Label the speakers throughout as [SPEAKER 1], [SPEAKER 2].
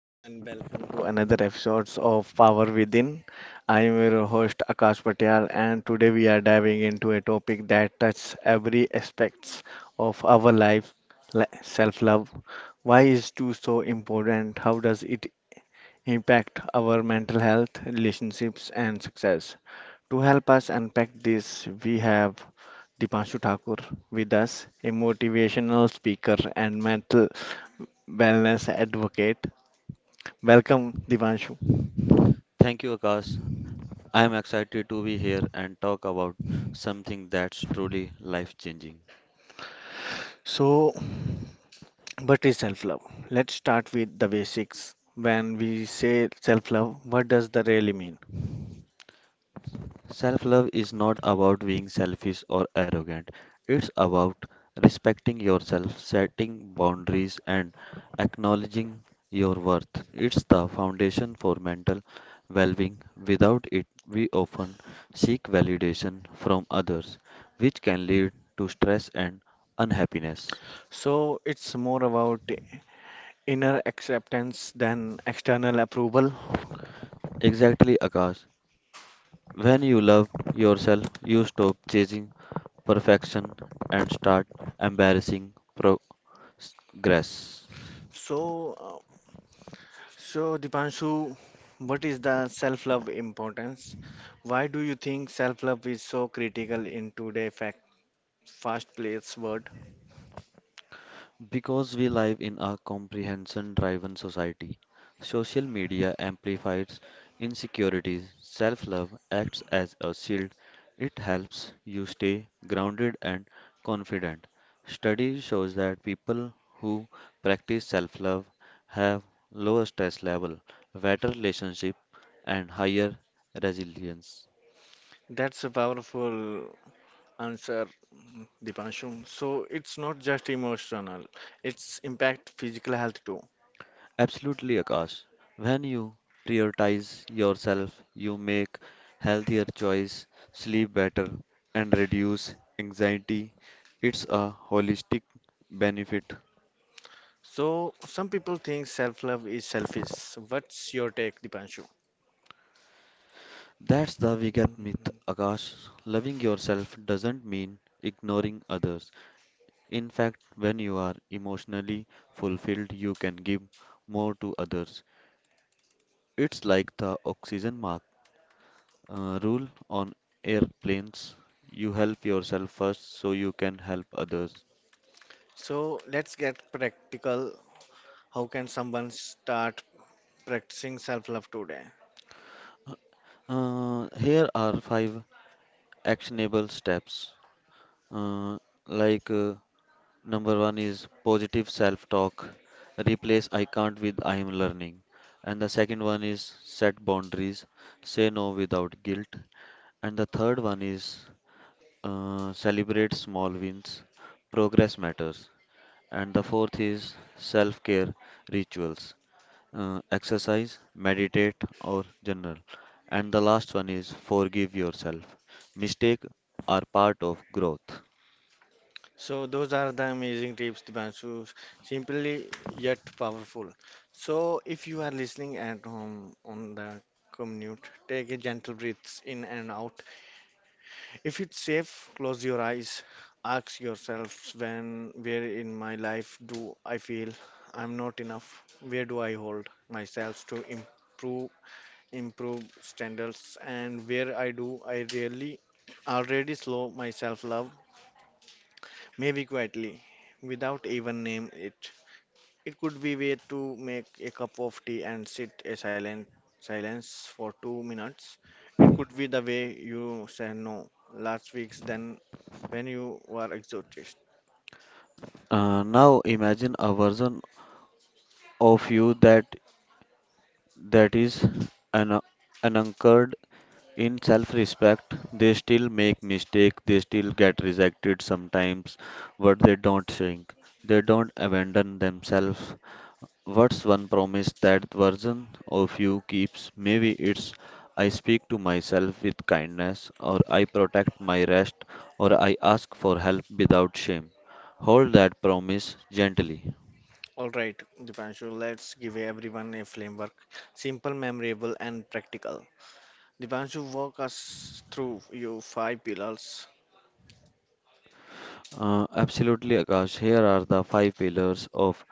[SPEAKER 1] Hello and welcome to another episode of Power Within. I am your host Akash Patel, and today we are diving into a topic that touches every aspects of our life, self-love. Why is it so important? How does it impact our mental health, relationships and success? To help us unpack this, we have Dipanshu Thakur with us, a motivational speaker and mental wellness advocate. Welcome, Dipanshu.
[SPEAKER 2] Thank you, Akash. I am excited to be here and talk about something that's truly life changing.
[SPEAKER 1] So, what is self love? Let's start with the basics. When we say self love, what does that really mean?
[SPEAKER 2] Self love is not about being selfish or arrogant, it's about respecting yourself, setting boundaries, and acknowledging your worth. It's the foundation for mental well being. Without it, we often seek validation from others, which can lead to stress and unhappiness.
[SPEAKER 1] So, it's more about inner acceptance than external approval.
[SPEAKER 2] Exactly, Akash. When you love yourself, you stop chasing perfection and start embarrassing progress.
[SPEAKER 1] So, so Dipanshu, what is the self love importance? Why do you think self love is so critical in today's fact fast paced world?
[SPEAKER 2] Because we live in a comprehension-driven society, social media amplifies insecurities. Self-love acts as a shield. It helps you stay grounded and confident. Study shows that people who practice self-love have lower stress level, better relationship, and higher resilience.
[SPEAKER 1] That's a powerful answer, Dipanshu. So, it's not just emotional, it's impact physical health too.
[SPEAKER 2] Absolutely, Akash. When you prioritize yourself, you make healthier choice, sleep better, and reduce anxiety. It's a holistic benefit.
[SPEAKER 1] So some people think self-love is selfish. So, what's your take, Dipanshu?
[SPEAKER 2] That's the biggest myth,
[SPEAKER 1] Mhm.
[SPEAKER 2] Akash. Loving yourself doesn't mean ignoring others. In fact, when you are emotionally fulfilled, you can give more to others. It's like the oxygen mask. Rule on airplanes you help yourself first so you can help others.
[SPEAKER 1] So let's get practical. How can someone start practicing self-love today?
[SPEAKER 2] Here are five actionable steps. Uh, like uh, Number one is positive self talk, replace I can't with I am learning. And the second one is set boundaries, say no without guilt. And the third one is celebrate small wins, progress matters. And the fourth is self care rituals. Exercise, meditate, or journal. And the last one is forgive yourself. Mistakes are part of growth.
[SPEAKER 1] So those are the amazing tips, Dipanshu. Simply yet powerful. So if you are listening at home on the commute, take a gentle breath in and out. If it's safe, close your eyes. Ask yourself, when, where in my life do I feel I'm not enough? Where do I hold myself to improve standards, and where I do I really already slow my self-love, maybe quietly, without even name it. It could be way to make a cup of tea and sit a silent silence for 2 minutes. It could be the way you say no last week's then when you are exhausted.
[SPEAKER 2] Now imagine a version of you that is an, anchored in self-respect. They still make mistakes. They still get rejected sometimes, but they don't shrink. They don't abandon themselves. What's one promise that version of you keeps? Maybe it's I speak to myself with kindness, or I protect my rest, or I ask for help without shame. Hold that promise gently.
[SPEAKER 1] All right, Dipanshu, let's give everyone a framework, simple, memorable, and practical. Dipanshu, walk us through your five pillars.
[SPEAKER 2] Absolutely, Akash. Here are the five pillars of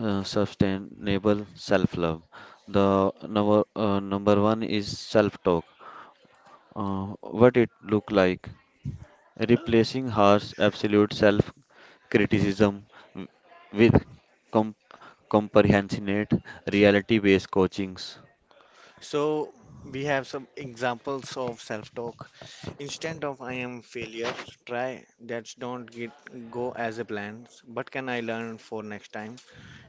[SPEAKER 2] sustainable self love. The number one is self talk. What it look like? Replacing harsh absolute self criticism with com- compassionate reality based coachings.
[SPEAKER 1] So we have some examples of self-talk. Instead of I am failure, try that don't get go as a plan. What can I learn for next time?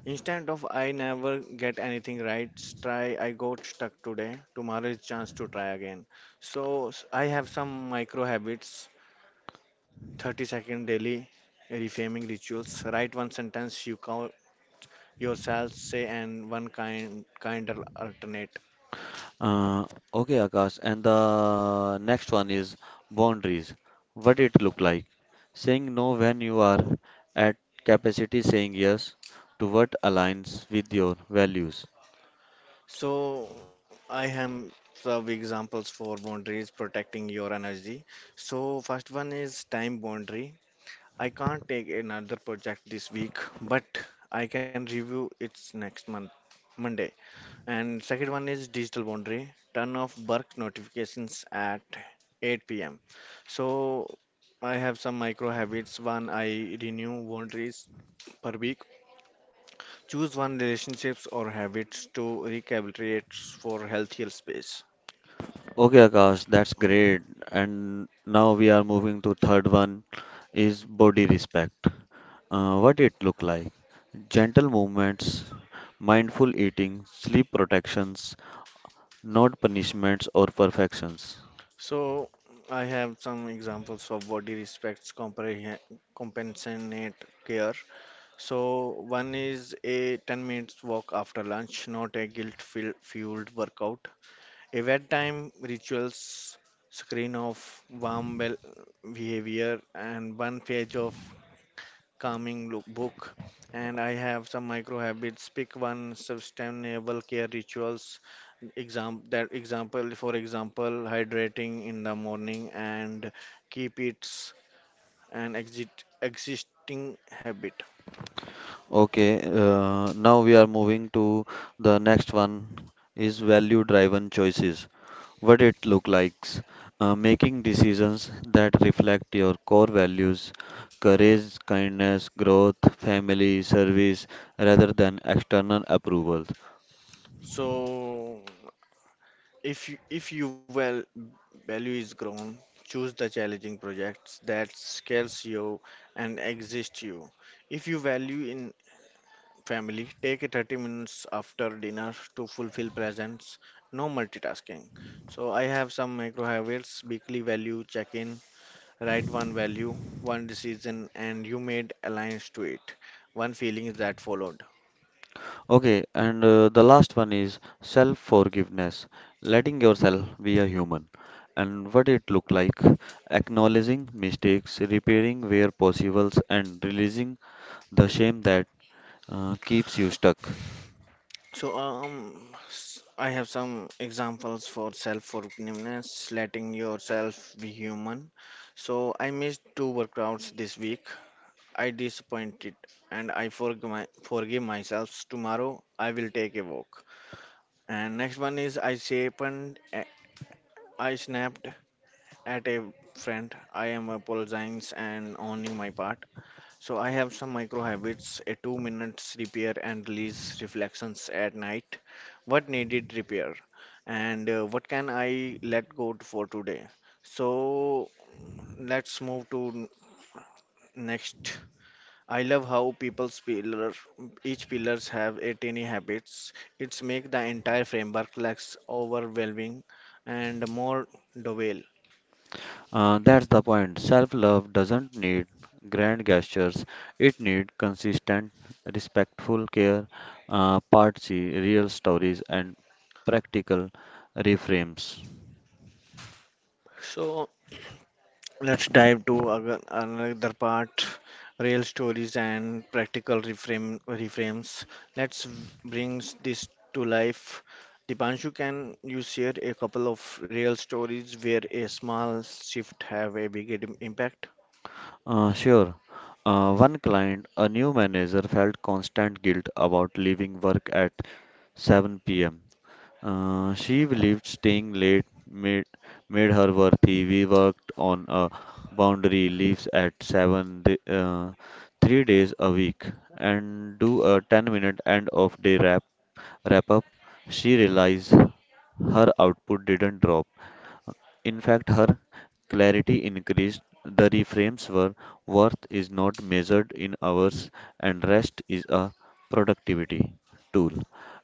[SPEAKER 1] Instead of I never get anything right, try I got stuck today, tomorrow is chance to try again. So I have some micro habits, 30-second daily reframing rituals, write one sentence you call yourself say and one kinder alternate.
[SPEAKER 2] Uh, okay, Akash, and the next one is boundaries. What it look like? Saying no when you are at capacity, saying yes to what aligns with your values.
[SPEAKER 1] So I have some examples for boundaries protecting your energy. So first one is time boundary, I can't take another project this week, but I can review it next month, Monday. And second one is digital boundary. Turn off work notifications at 8 p.m. So I have some micro habits. One, I renew boundaries per week. Choose one relationships or habits to recalibrate for healthier space.
[SPEAKER 2] Okay, Akash, that's
[SPEAKER 1] Mm.
[SPEAKER 2] great. And now we are moving to third one is body respect. What it look like? Gentle movements, mindful eating, sleep protections, not punishments or perfections.
[SPEAKER 1] So I have some examples of body respects, compre compensate care. So one is a 10 minutes walk after lunch, not a guilt-fueled workout. A bedtime rituals screen of warm bel- behavior and one page of calming book. And I have some micro habits. Pick one sustainable care rituals. For example, hydrating in the morning and keep it an exit existing habit.
[SPEAKER 2] Okay, now we are moving to the next one is value-driven choices. What it look likes? Making decisions that reflect your core values, courage, kindness, growth, family, service, rather than external approval.
[SPEAKER 1] So, if you well value is grown, choose the challenging projects that scales you and exist you. If you value in family, take a 30 minutes after dinner to fulfill presence. No multitasking. So I have some micro habits, weekly value check-in, write one value, one decision, and you made alliance to it. One feeling that followed.
[SPEAKER 2] Okay, and the last one is self forgiveness, letting yourself be a human. And what it look like, acknowledging mistakes, repairing where possible, and releasing the shame that keeps you stuck.
[SPEAKER 1] So, I have some examples for self-forgiveness, letting yourself be human. So, I missed two workouts this week. I disappointed, and I forgive myself. Tomorrow, I will take a walk. And next one is I snapped at a friend. I am apologizing and owning my part. So I have some micro habits, a 2 minutes repair and release reflections at night. What needed repair and what can I let go for today? So let's move to next. I love how people's pillar each pillars have a tiny habits. It's make the entire framework less overwhelming and more doable.
[SPEAKER 2] That's the point. Self love doesn't need grand gestures, it needs consistent, respectful care, part C, real stories, and practical reframes.
[SPEAKER 1] So let's dive to another part, real stories and reframes. Let's bring this to life. Dipanshu, can you share a couple of real stories where a small shift have a big impact?
[SPEAKER 2] Sure. One client, a new manager, felt constant guilt about leaving work at 7 p.m. She believed made her worthy. We worked on a boundary, leaves at 7, 3 days a week, and do a 10-minute end of day wrap up. She realized her output didn't drop. In fact, her clarity increased. The reframes were worth is not measured in hours, and rest is a productivity tool.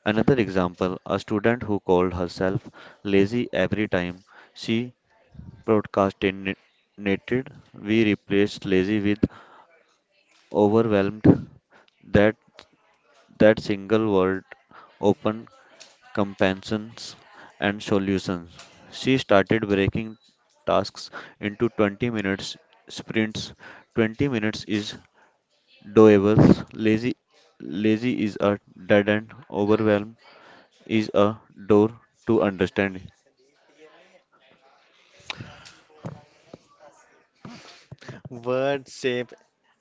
[SPEAKER 2] Another example a student who called herself lazy every time she procrastinated. We replaced lazy with overwhelmed. That, that single word opened compassions, and solutions. She started breaking tasks into 20 minutes sprints. 20 minutes is doable. Lazy, Lazy is a dead end. Overwhelm is a door to understanding.
[SPEAKER 1] Word shape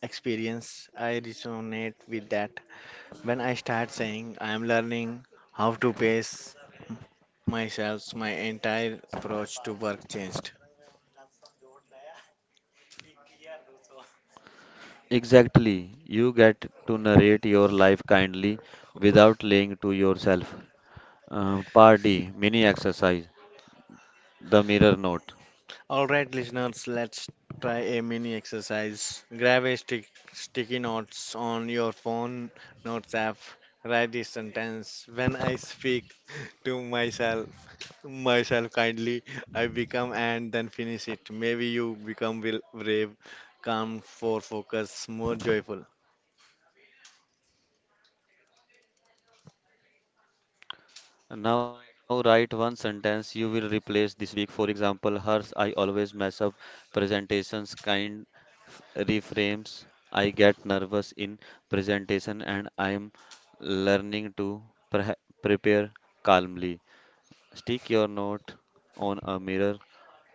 [SPEAKER 1] experience. I resonate with that. When I start saying I am learning how to pace myself, my entire approach to work changed.
[SPEAKER 2] Exactly. You get to narrate your life kindly without lying to yourself. Part D, mini exercise, the mirror note.
[SPEAKER 1] All right, listeners, let's try a mini exercise. Grab a sticky notes on your phone notes app. Write this sentence. When I speak to myself kindly, I become, and then finish it. Maybe you become will brave, calm, for focus, more joyful,
[SPEAKER 2] Now write one sentence you will replace this week. For example, hers I always mess up presentations kind reframes. I get nervous in presentation and I am learning to pre- prepare calmly. Stick your note on a mirror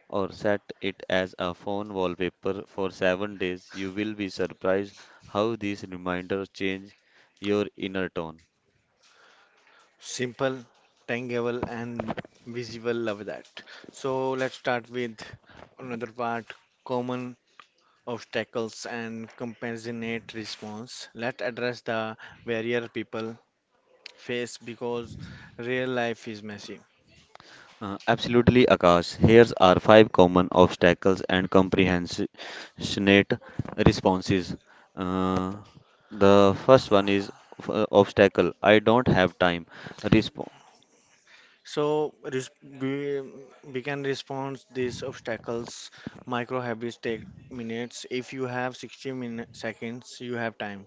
[SPEAKER 2] or set it as a phone wallpaper for 7 days. You will be surprised how these reminders change your inner tone.
[SPEAKER 1] simple, tangible, and visible. Love that. So let's start with another part. Common obstacles and compassionate response. Let's address the barrier people face because real life is messy.
[SPEAKER 2] Absolutely, Akash. Here's are five common obstacles and compassionate responses. Uh, the first one is obstacle. I don't have time. Respo-
[SPEAKER 1] So we, we can respond these obstacles. Micro habits take minutes. If you have 60 seconds, you have time.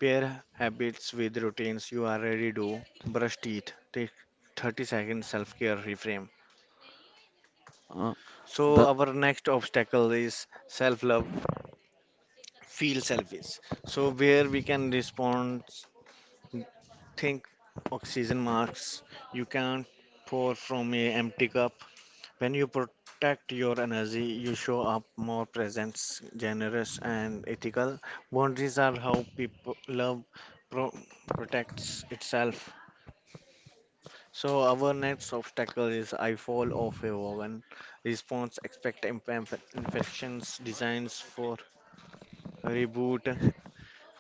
[SPEAKER 1] Pair habits with routines you already do. Brush teeth. Take 30 seconds self-care reframe.
[SPEAKER 2] uh,
[SPEAKER 1] So
[SPEAKER 2] the
[SPEAKER 1] our next obstacle is self-love. Feel selfish. So where we can respond, think oxygen marks. You can't pour from a empty cup. When you protect your energy, you show up more presence, generous and ethical. Boundaries are how people love pro- protects itself. So our next obstacle is I fall off a wagon. Response expect infections designs for reboot.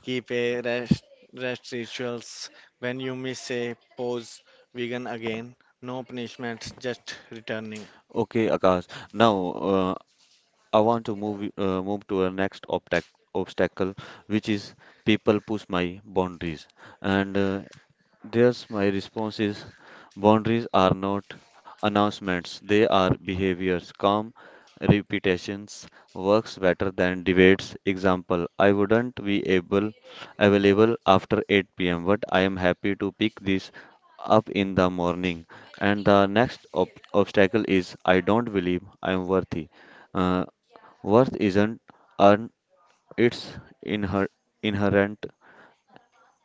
[SPEAKER 1] Keep a rest, rest rituals. When you miss a pose, vegan again. No punishment, just returning.
[SPEAKER 2] Okay, Akash. Now I want to move to our next obstacle, which is people push my boundaries. And there's my response is boundaries are not announcements, they are behaviors. Calm repetitions works better than debates. Example, I wouldn't be able available after 8 p.m., but I am happy to pick this up in the morning. And the next obstacle is I don't believe I am worthy. Uh, Worth isn't earned, it's inher- inherent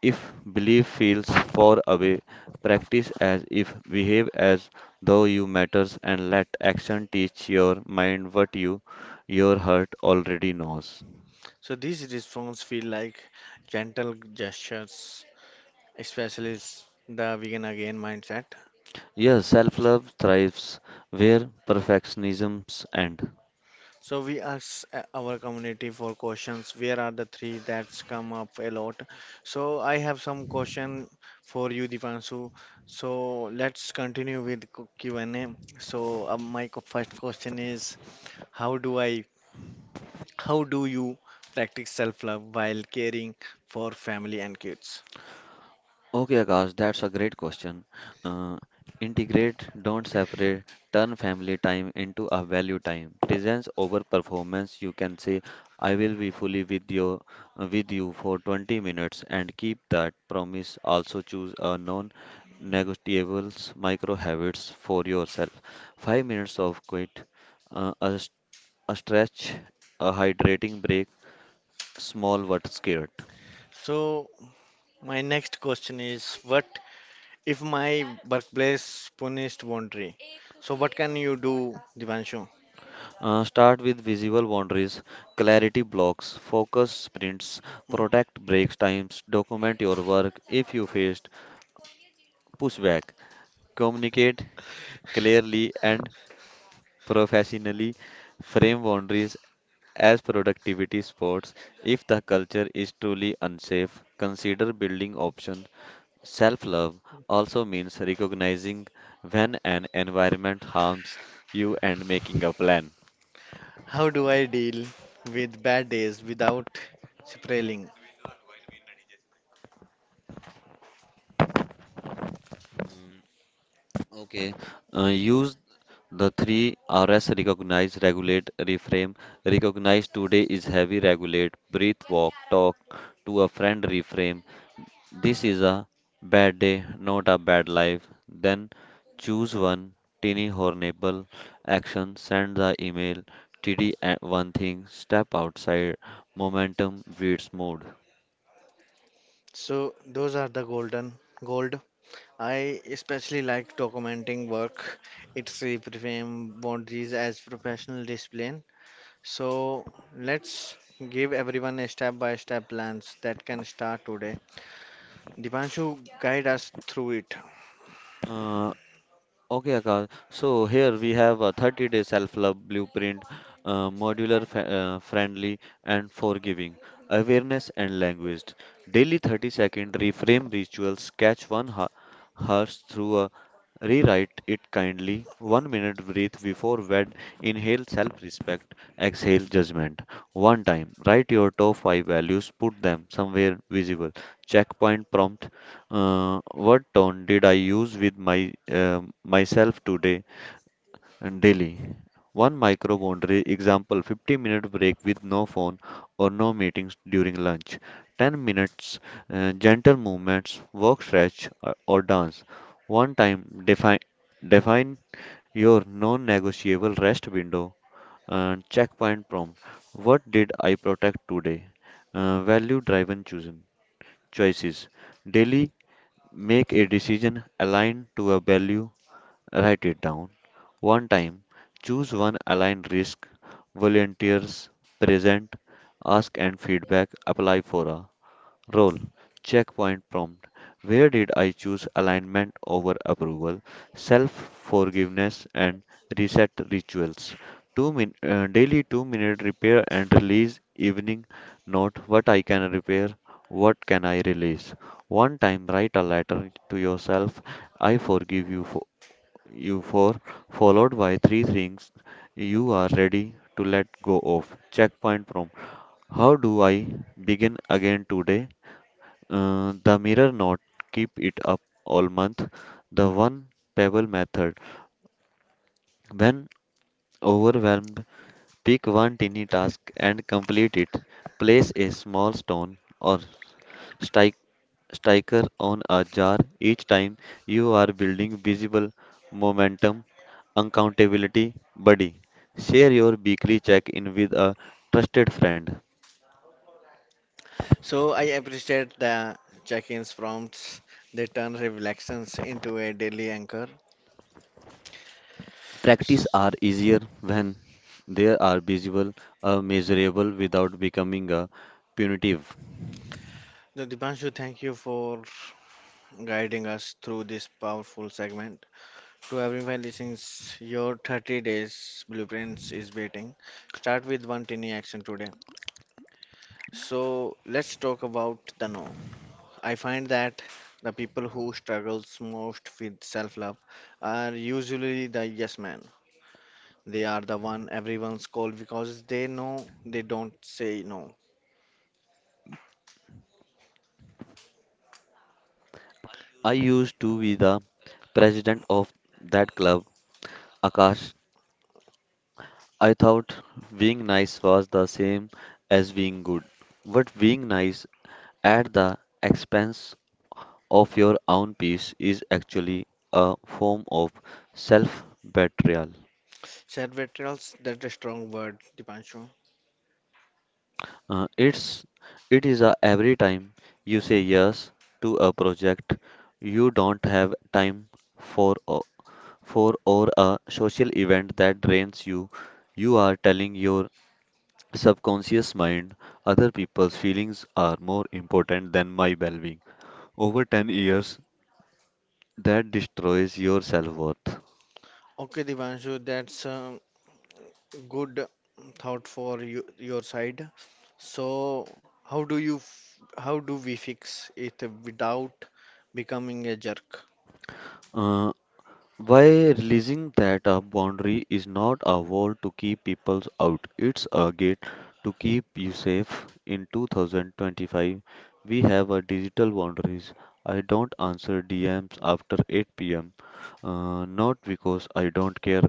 [SPEAKER 2] if belief feels far away, practice as if, behave as though you matters, and let action teach your mind what your heart already knows.
[SPEAKER 1] So these responses feel like gentle gestures, especially the vegan again mindset.
[SPEAKER 2] Yes, self-love thrives where perfectionisms end.
[SPEAKER 1] So we ask our community for questions. Where are the three that's come up a lot? So I have some question for you, Dipanshu. So let's continue with Q&A. So my first question is, how do I how do you practice self love while caring for family and kids?
[SPEAKER 2] Okay, Akash, that's a great question. Uh, Integrate, don't separate, turn family time into a value time. Presence over performance. You can say, I will be fully with you for 20 minutes and keep that promise. Also choose a non-negotiables micro habits for yourself. 5 minutes of quit, uh, a, s- a stretch, a hydrating break, small but scared.
[SPEAKER 1] So, my next question is, what if my workplace punished boundary? So, what can you do, Divanshu?
[SPEAKER 2] Start with visible boundaries, clarity blocks, focus sprints, protect breaks times, document your work if you faced pushback, communicate clearly and professionally, frame boundaries as productivity spots. If the culture is truly unsafe, consider building options. Self love also means recognizing when an environment harms you and making a plan.
[SPEAKER 1] How do I deal with bad days without spiraling?
[SPEAKER 2] Okay. Use the three R's recognize, regulate, reframe. Recognize today is heavy, regulate, breathe, walk, talk to a friend, reframe. This is a bad day, not a bad life. Then choose one tiny hornable action, send the email, TD one thing, step outside, momentum beats mood.
[SPEAKER 1] So, those are the golden gold. I especially like documenting work. It's reframe boundaries as professional discipline. So let's give everyone a step by step plans that can start today. Dipanshu, guide us through it.
[SPEAKER 2] Uh, Okay, Akash. So here we have a 30-day self-love blueprint, modular, friendly, and forgiving. Awareness and language. Daily 30-second reframe rituals. Catch one horse through a rewrite it kindly. 1 minute breathe before bed. Inhale self-respect. Exhale judgment. One time. Write your top five values. Put them somewhere visible. Checkpoint prompt what tone did I use with my myself today and daily? One micro boundary example 15-minute break with no phone or no meetings during lunch. 10 minutes gentle movements, walk, stretch or dance. One time define your non-negotiable rest window and checkpoint prompt. What did I protect today? Value driven chosen choices. Daily make a decision aligned to a value, write it down. One time, choose one aligned risk, volunteers, present, ask and feedback, apply for a role checkpoint prompt where did I choose alignment over approval, self forgiveness, and reset rituals? Daily 2 minute repair and release evening note what I can repair, what can I release. One time write a letter to yourself I forgive you for followed by three things you are ready to let go of. Checkpoint prompt how do I begin again today? The mirror knot, keep it up all month. The one pebble method. When overwhelmed, pick one tiny task and complete it. Place a small stone or stike, sticker on a jar each time you are building visible momentum, accountability buddy. Share your weekly check in with a trusted friend.
[SPEAKER 1] So I appreciate the check-ins prompts. They turn reflections into a daily anchor.
[SPEAKER 2] Practice
[SPEAKER 1] So
[SPEAKER 2] are easier when they are visible or measurable without becoming a punitive.
[SPEAKER 1] Dipanshu, thank you for guiding us through this powerful segment. To everyone listening, your 30 days blueprints is waiting. Start with one tiny action today. So let's talk about the no. I find that the people who struggles most with self-love are usually the yes men. They are the one everyone's called because they know they don't say no.
[SPEAKER 2] I used to be the president of that club, Akash. I thought being nice was the same as being good, but being nice at the expense of your own peace is actually a form of self betrayal.
[SPEAKER 1] Said veterans, that's a strong word, Dipanshu.
[SPEAKER 2] Uh, it's it is a every time you say yes to a project you don't have time for o- for or a social event that drains you. You are telling your subconscious mind other people's feelings are more important than my well-being. Over 10 years, that destroys your self-worth.
[SPEAKER 1] Okay, Dipanshu, that's a good thought for you, your side. So, how do you, f- how do we fix it without becoming a jerk?
[SPEAKER 2] Uh, By releasing that a boundary is not a wall to keep people out, it's a gate to keep you safe. In 2025, we have a digital boundaries. I don't answer DMs after 8 p.m., not because I don't care,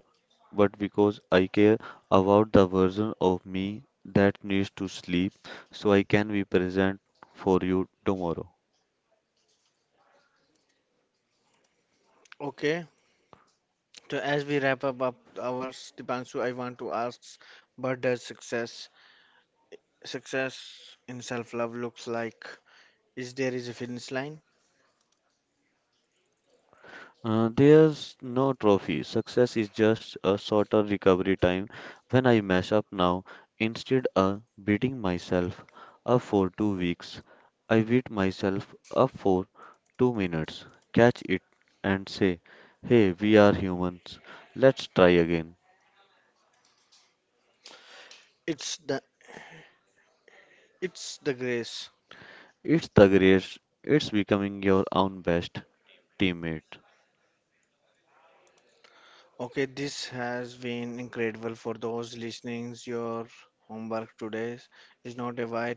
[SPEAKER 2] but because I care about the version of me that needs to sleep so I can be present for you tomorrow.
[SPEAKER 1] Okay, so as we wrap up, our Dipanshu, I want to ask, what does success in self-love looks like? Is there is a finish line?
[SPEAKER 2] There's no trophy. Success is just a shorter recovery time. When I mess up now, instead of beating myself up for 2 weeks, I beat myself up for 2 minutes, catch it, and say, hey, we are humans. Let's try again.
[SPEAKER 1] It's the it's the grace.
[SPEAKER 2] It's the greatest. It's becoming your own best teammate.
[SPEAKER 1] Okay, this has been incredible for those listening. Your homework today is not a white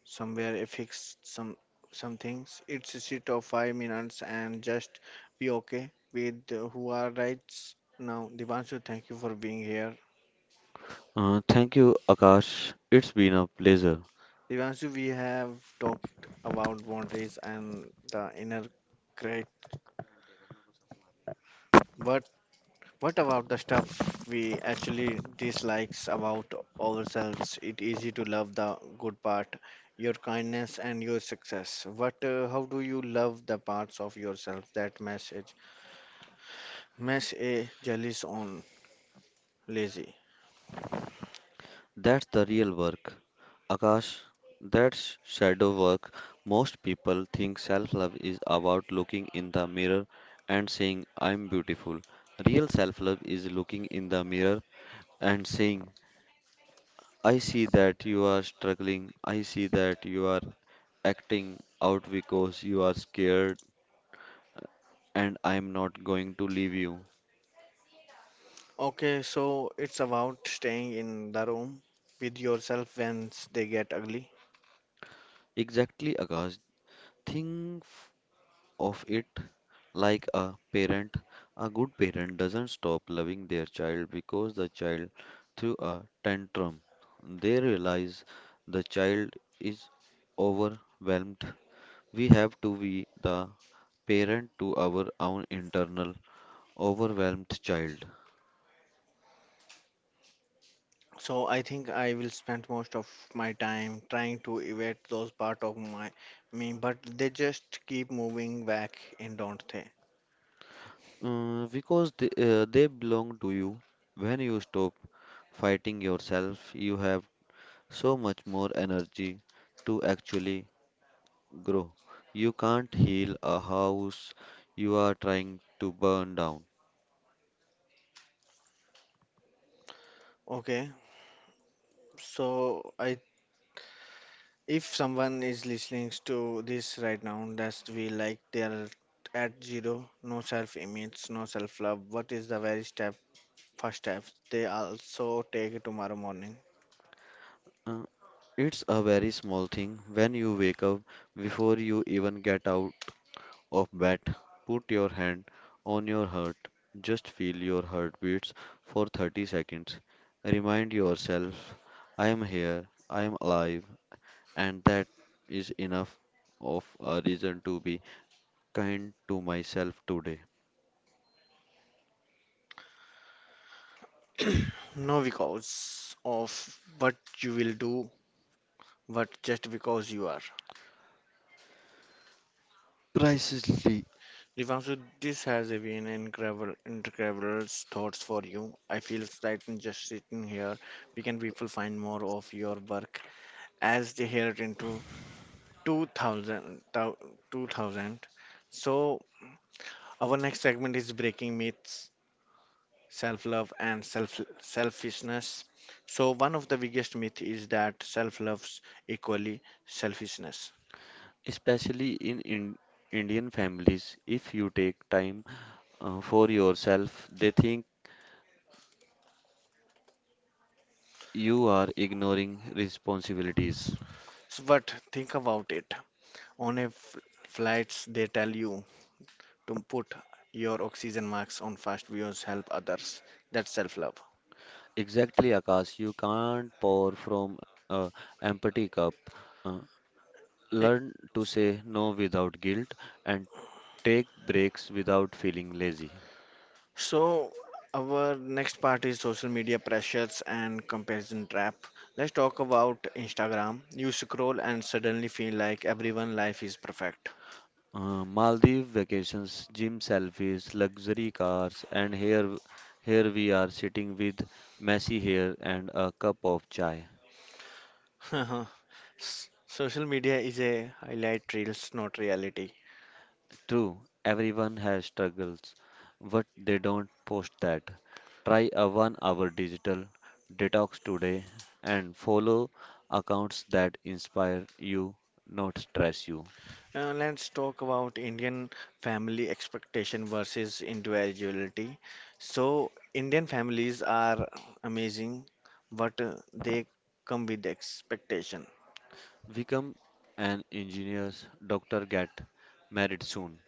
[SPEAKER 1] somewhere a fix some things. It's a sit of 5 minutes and just be okay with who are right now. Dipanshu, thank you for being here.
[SPEAKER 2] Thank you, Akash. It's been a pleasure.
[SPEAKER 1] Devanshu, we have talked about boundaries and the inner critic, but what about the stuff we actually dislikes about ourselves? It's easy to love the good part, your kindness and your success. But how do you love the parts of yourself that message? Mess a jealous on lazy.
[SPEAKER 2] That's the real work. Akash, that's shadow work. Most people think self love is about looking in the mirror and saying, I'm beautiful. Real self love is looking in the mirror and saying, I see that you are struggling. I see that you are acting out because you are scared, and I'm not going to leave you.
[SPEAKER 1] Okay, so it's about staying in the room with yourself when they get ugly.
[SPEAKER 2] Exactly, Akash. Think of it. Like a parent, a good parent doesn't stop loving their child because the child threw a tantrum. They realize the child is overwhelmed. We have to be the parent to our own internal overwhelmed child.
[SPEAKER 1] So I think I will spend most of my time trying to evade those part of my me, but they just keep moving back in, don't they?
[SPEAKER 2] Because they belong to you. When you stop fighting yourself, you have so much more energy to actually grow. You can't heal a house you are trying to burn down.
[SPEAKER 1] Okay. So I if someone is listening to this right now, that's we like they are at zero, no self-image, no self-love. What is the very first step they also take tomorrow morning?
[SPEAKER 2] Uh, it's a very small thing when you wake up, before you even get out of bed, put your hand on your heart. Just feel your heartbeats for 30 seconds. Remind yourself, I am here, I am alive, and that is enough of a reason to be kind to myself today.
[SPEAKER 1] No because of what you will do, but just because you are.
[SPEAKER 2] Precisely.
[SPEAKER 1] Devanshu, this has been incredible thoughts for you. I feel frightened just sitting here. We can people find more of your work as they hear it into 2000, thou- 2000. So our next segment is breaking myths, self-love and self selfishness. So one of the biggest myth is that self-love equally selfishness.
[SPEAKER 2] Especially in Indian families. If you take time for yourself, they think you are ignoring responsibilities.
[SPEAKER 1] So, but think about it. On a flights, they tell you to put your oxygen mask on fast views, help others. That's self love.
[SPEAKER 2] Exactly, Akash. You can't pour from a empty cup. Uh, Learn to say no without guilt and take breaks without feeling lazy.
[SPEAKER 1] So, our next part is social media pressures and comparison trap. Let's talk about Instagram. You scroll and suddenly feel like everyone' life is perfect.
[SPEAKER 2] Maldives vacations, gym selfies, luxury cars, and here we are sitting with messy hair and a cup of chai.
[SPEAKER 1] S- Social media is a highlight reels, not reality.
[SPEAKER 2] True, everyone has struggles, but they don't post that. Try a 1 hour digital detox today and follow accounts that inspire you, not stress you.
[SPEAKER 1] Let's talk about Indian family expectation versus individuality. So, Indian families are amazing, but they come with expectation.
[SPEAKER 2] Become an engineer, doctor, get married soon,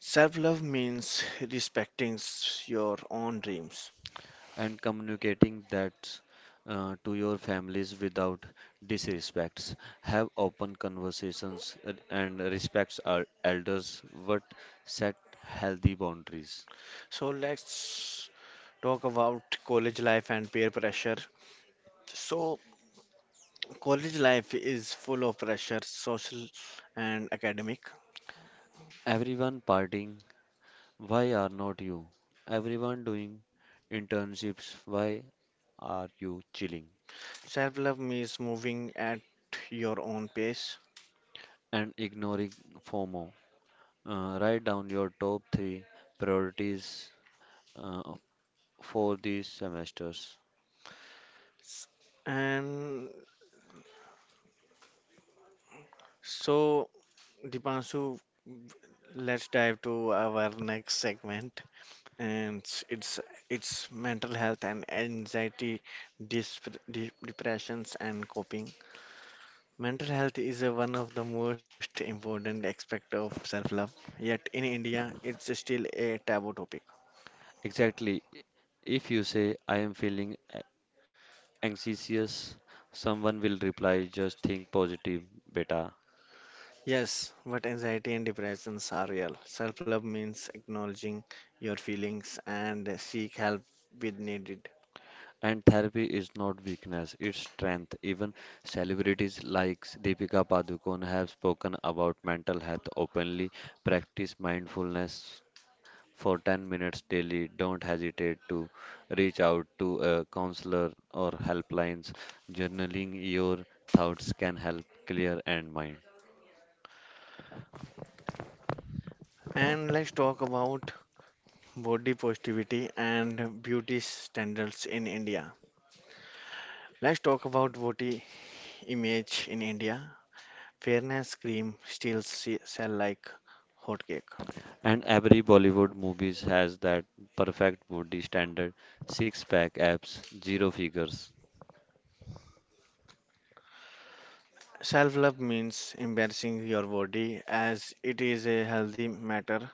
[SPEAKER 1] Self-love means respecting your own dreams.
[SPEAKER 2] and communicating that to your families without disrespects. Have open conversations and respect our elders, but set healthy boundaries.
[SPEAKER 1] So, let's talk about college life and peer pressure. So, college life is full of pressure, social and academic.
[SPEAKER 2] Everyone partying, why are not you? Everyone doing internships, why are you chilling?
[SPEAKER 1] Self-love means moving at your own pace.
[SPEAKER 2] And ignoring FOMO. Write down your top three priorities uh, for these semesters.
[SPEAKER 1] S- And so, Dipanshu, let's dive to our next segment, and it's mental health and anxiety, depressions and coping. Mental health is a, one of the most important aspect of self-love. Yet in India, it's still a taboo topic.
[SPEAKER 2] Exactly. If you say, I am feeling anxious, someone will reply, just think positive, beta.
[SPEAKER 1] Yes, but anxiety and depressions are real. Self-love means acknowledging your feelings and seek help when needed.
[SPEAKER 2] And therapy is not weakness, it's strength. Even celebrities like Deepika Padukone have spoken about mental health openly. Practice mindfulness for 10 minutes daily. Don't hesitate to reach out to a counselor or helplines. Journaling your thoughts can help clear and mind.
[SPEAKER 1] And let's talk about body positivity and beauty standards in India. Let's talk about body image in India. Fairness cream still sell like hotcake.
[SPEAKER 2] And every Bollywood movies has that perfect body standard, six pack abs, zero figures.
[SPEAKER 1] Self-love means embracing your body as it is a healthy matter,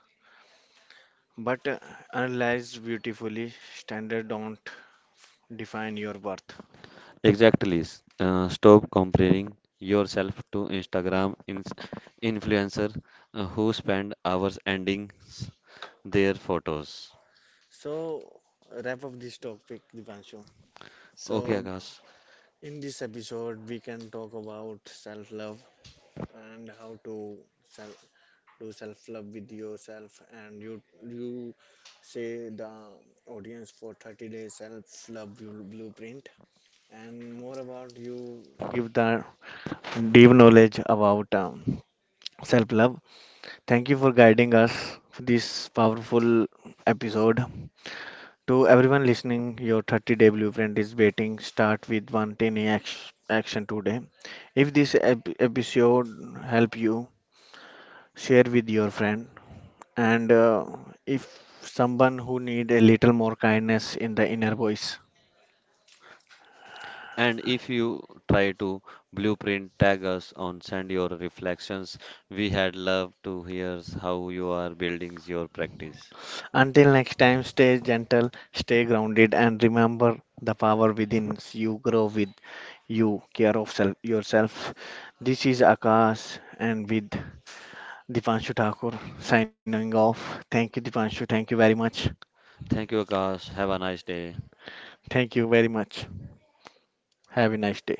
[SPEAKER 1] but analyzed beautifully, standard don't define your worth.
[SPEAKER 2] Exactly. Stop comparing yourself to Instagram ins influencer who spend hours ending their photos.
[SPEAKER 1] So wrap up this topic, Dipanshu. So
[SPEAKER 2] Okay, Akash.
[SPEAKER 1] in this episode, we can talk about self-love and how to self do self love with yourself and you say the audience for 30 days self love blueprint and more about you give the deep knowledge about self love, thank you for guiding us for this powerful episode. To everyone listening, your 30-day blueprint is waiting. Start with one tiny action today. If this episode help you, share with your friend, and if someone who need a little more kindness in the inner voice.
[SPEAKER 2] And if you try to blueprint tag us on send your reflections, we had love to hear how you are building your practice.
[SPEAKER 1] Until next time, stay gentle, stay grounded and remember the power within you grow with you care of self, yourself. This is Akash and with Dipanshu Thakur signing off. Thank you, Dipanshu, thank you very much.
[SPEAKER 2] Thank you, Akash. Have a nice day.
[SPEAKER 1] Thank you very much, have a nice day.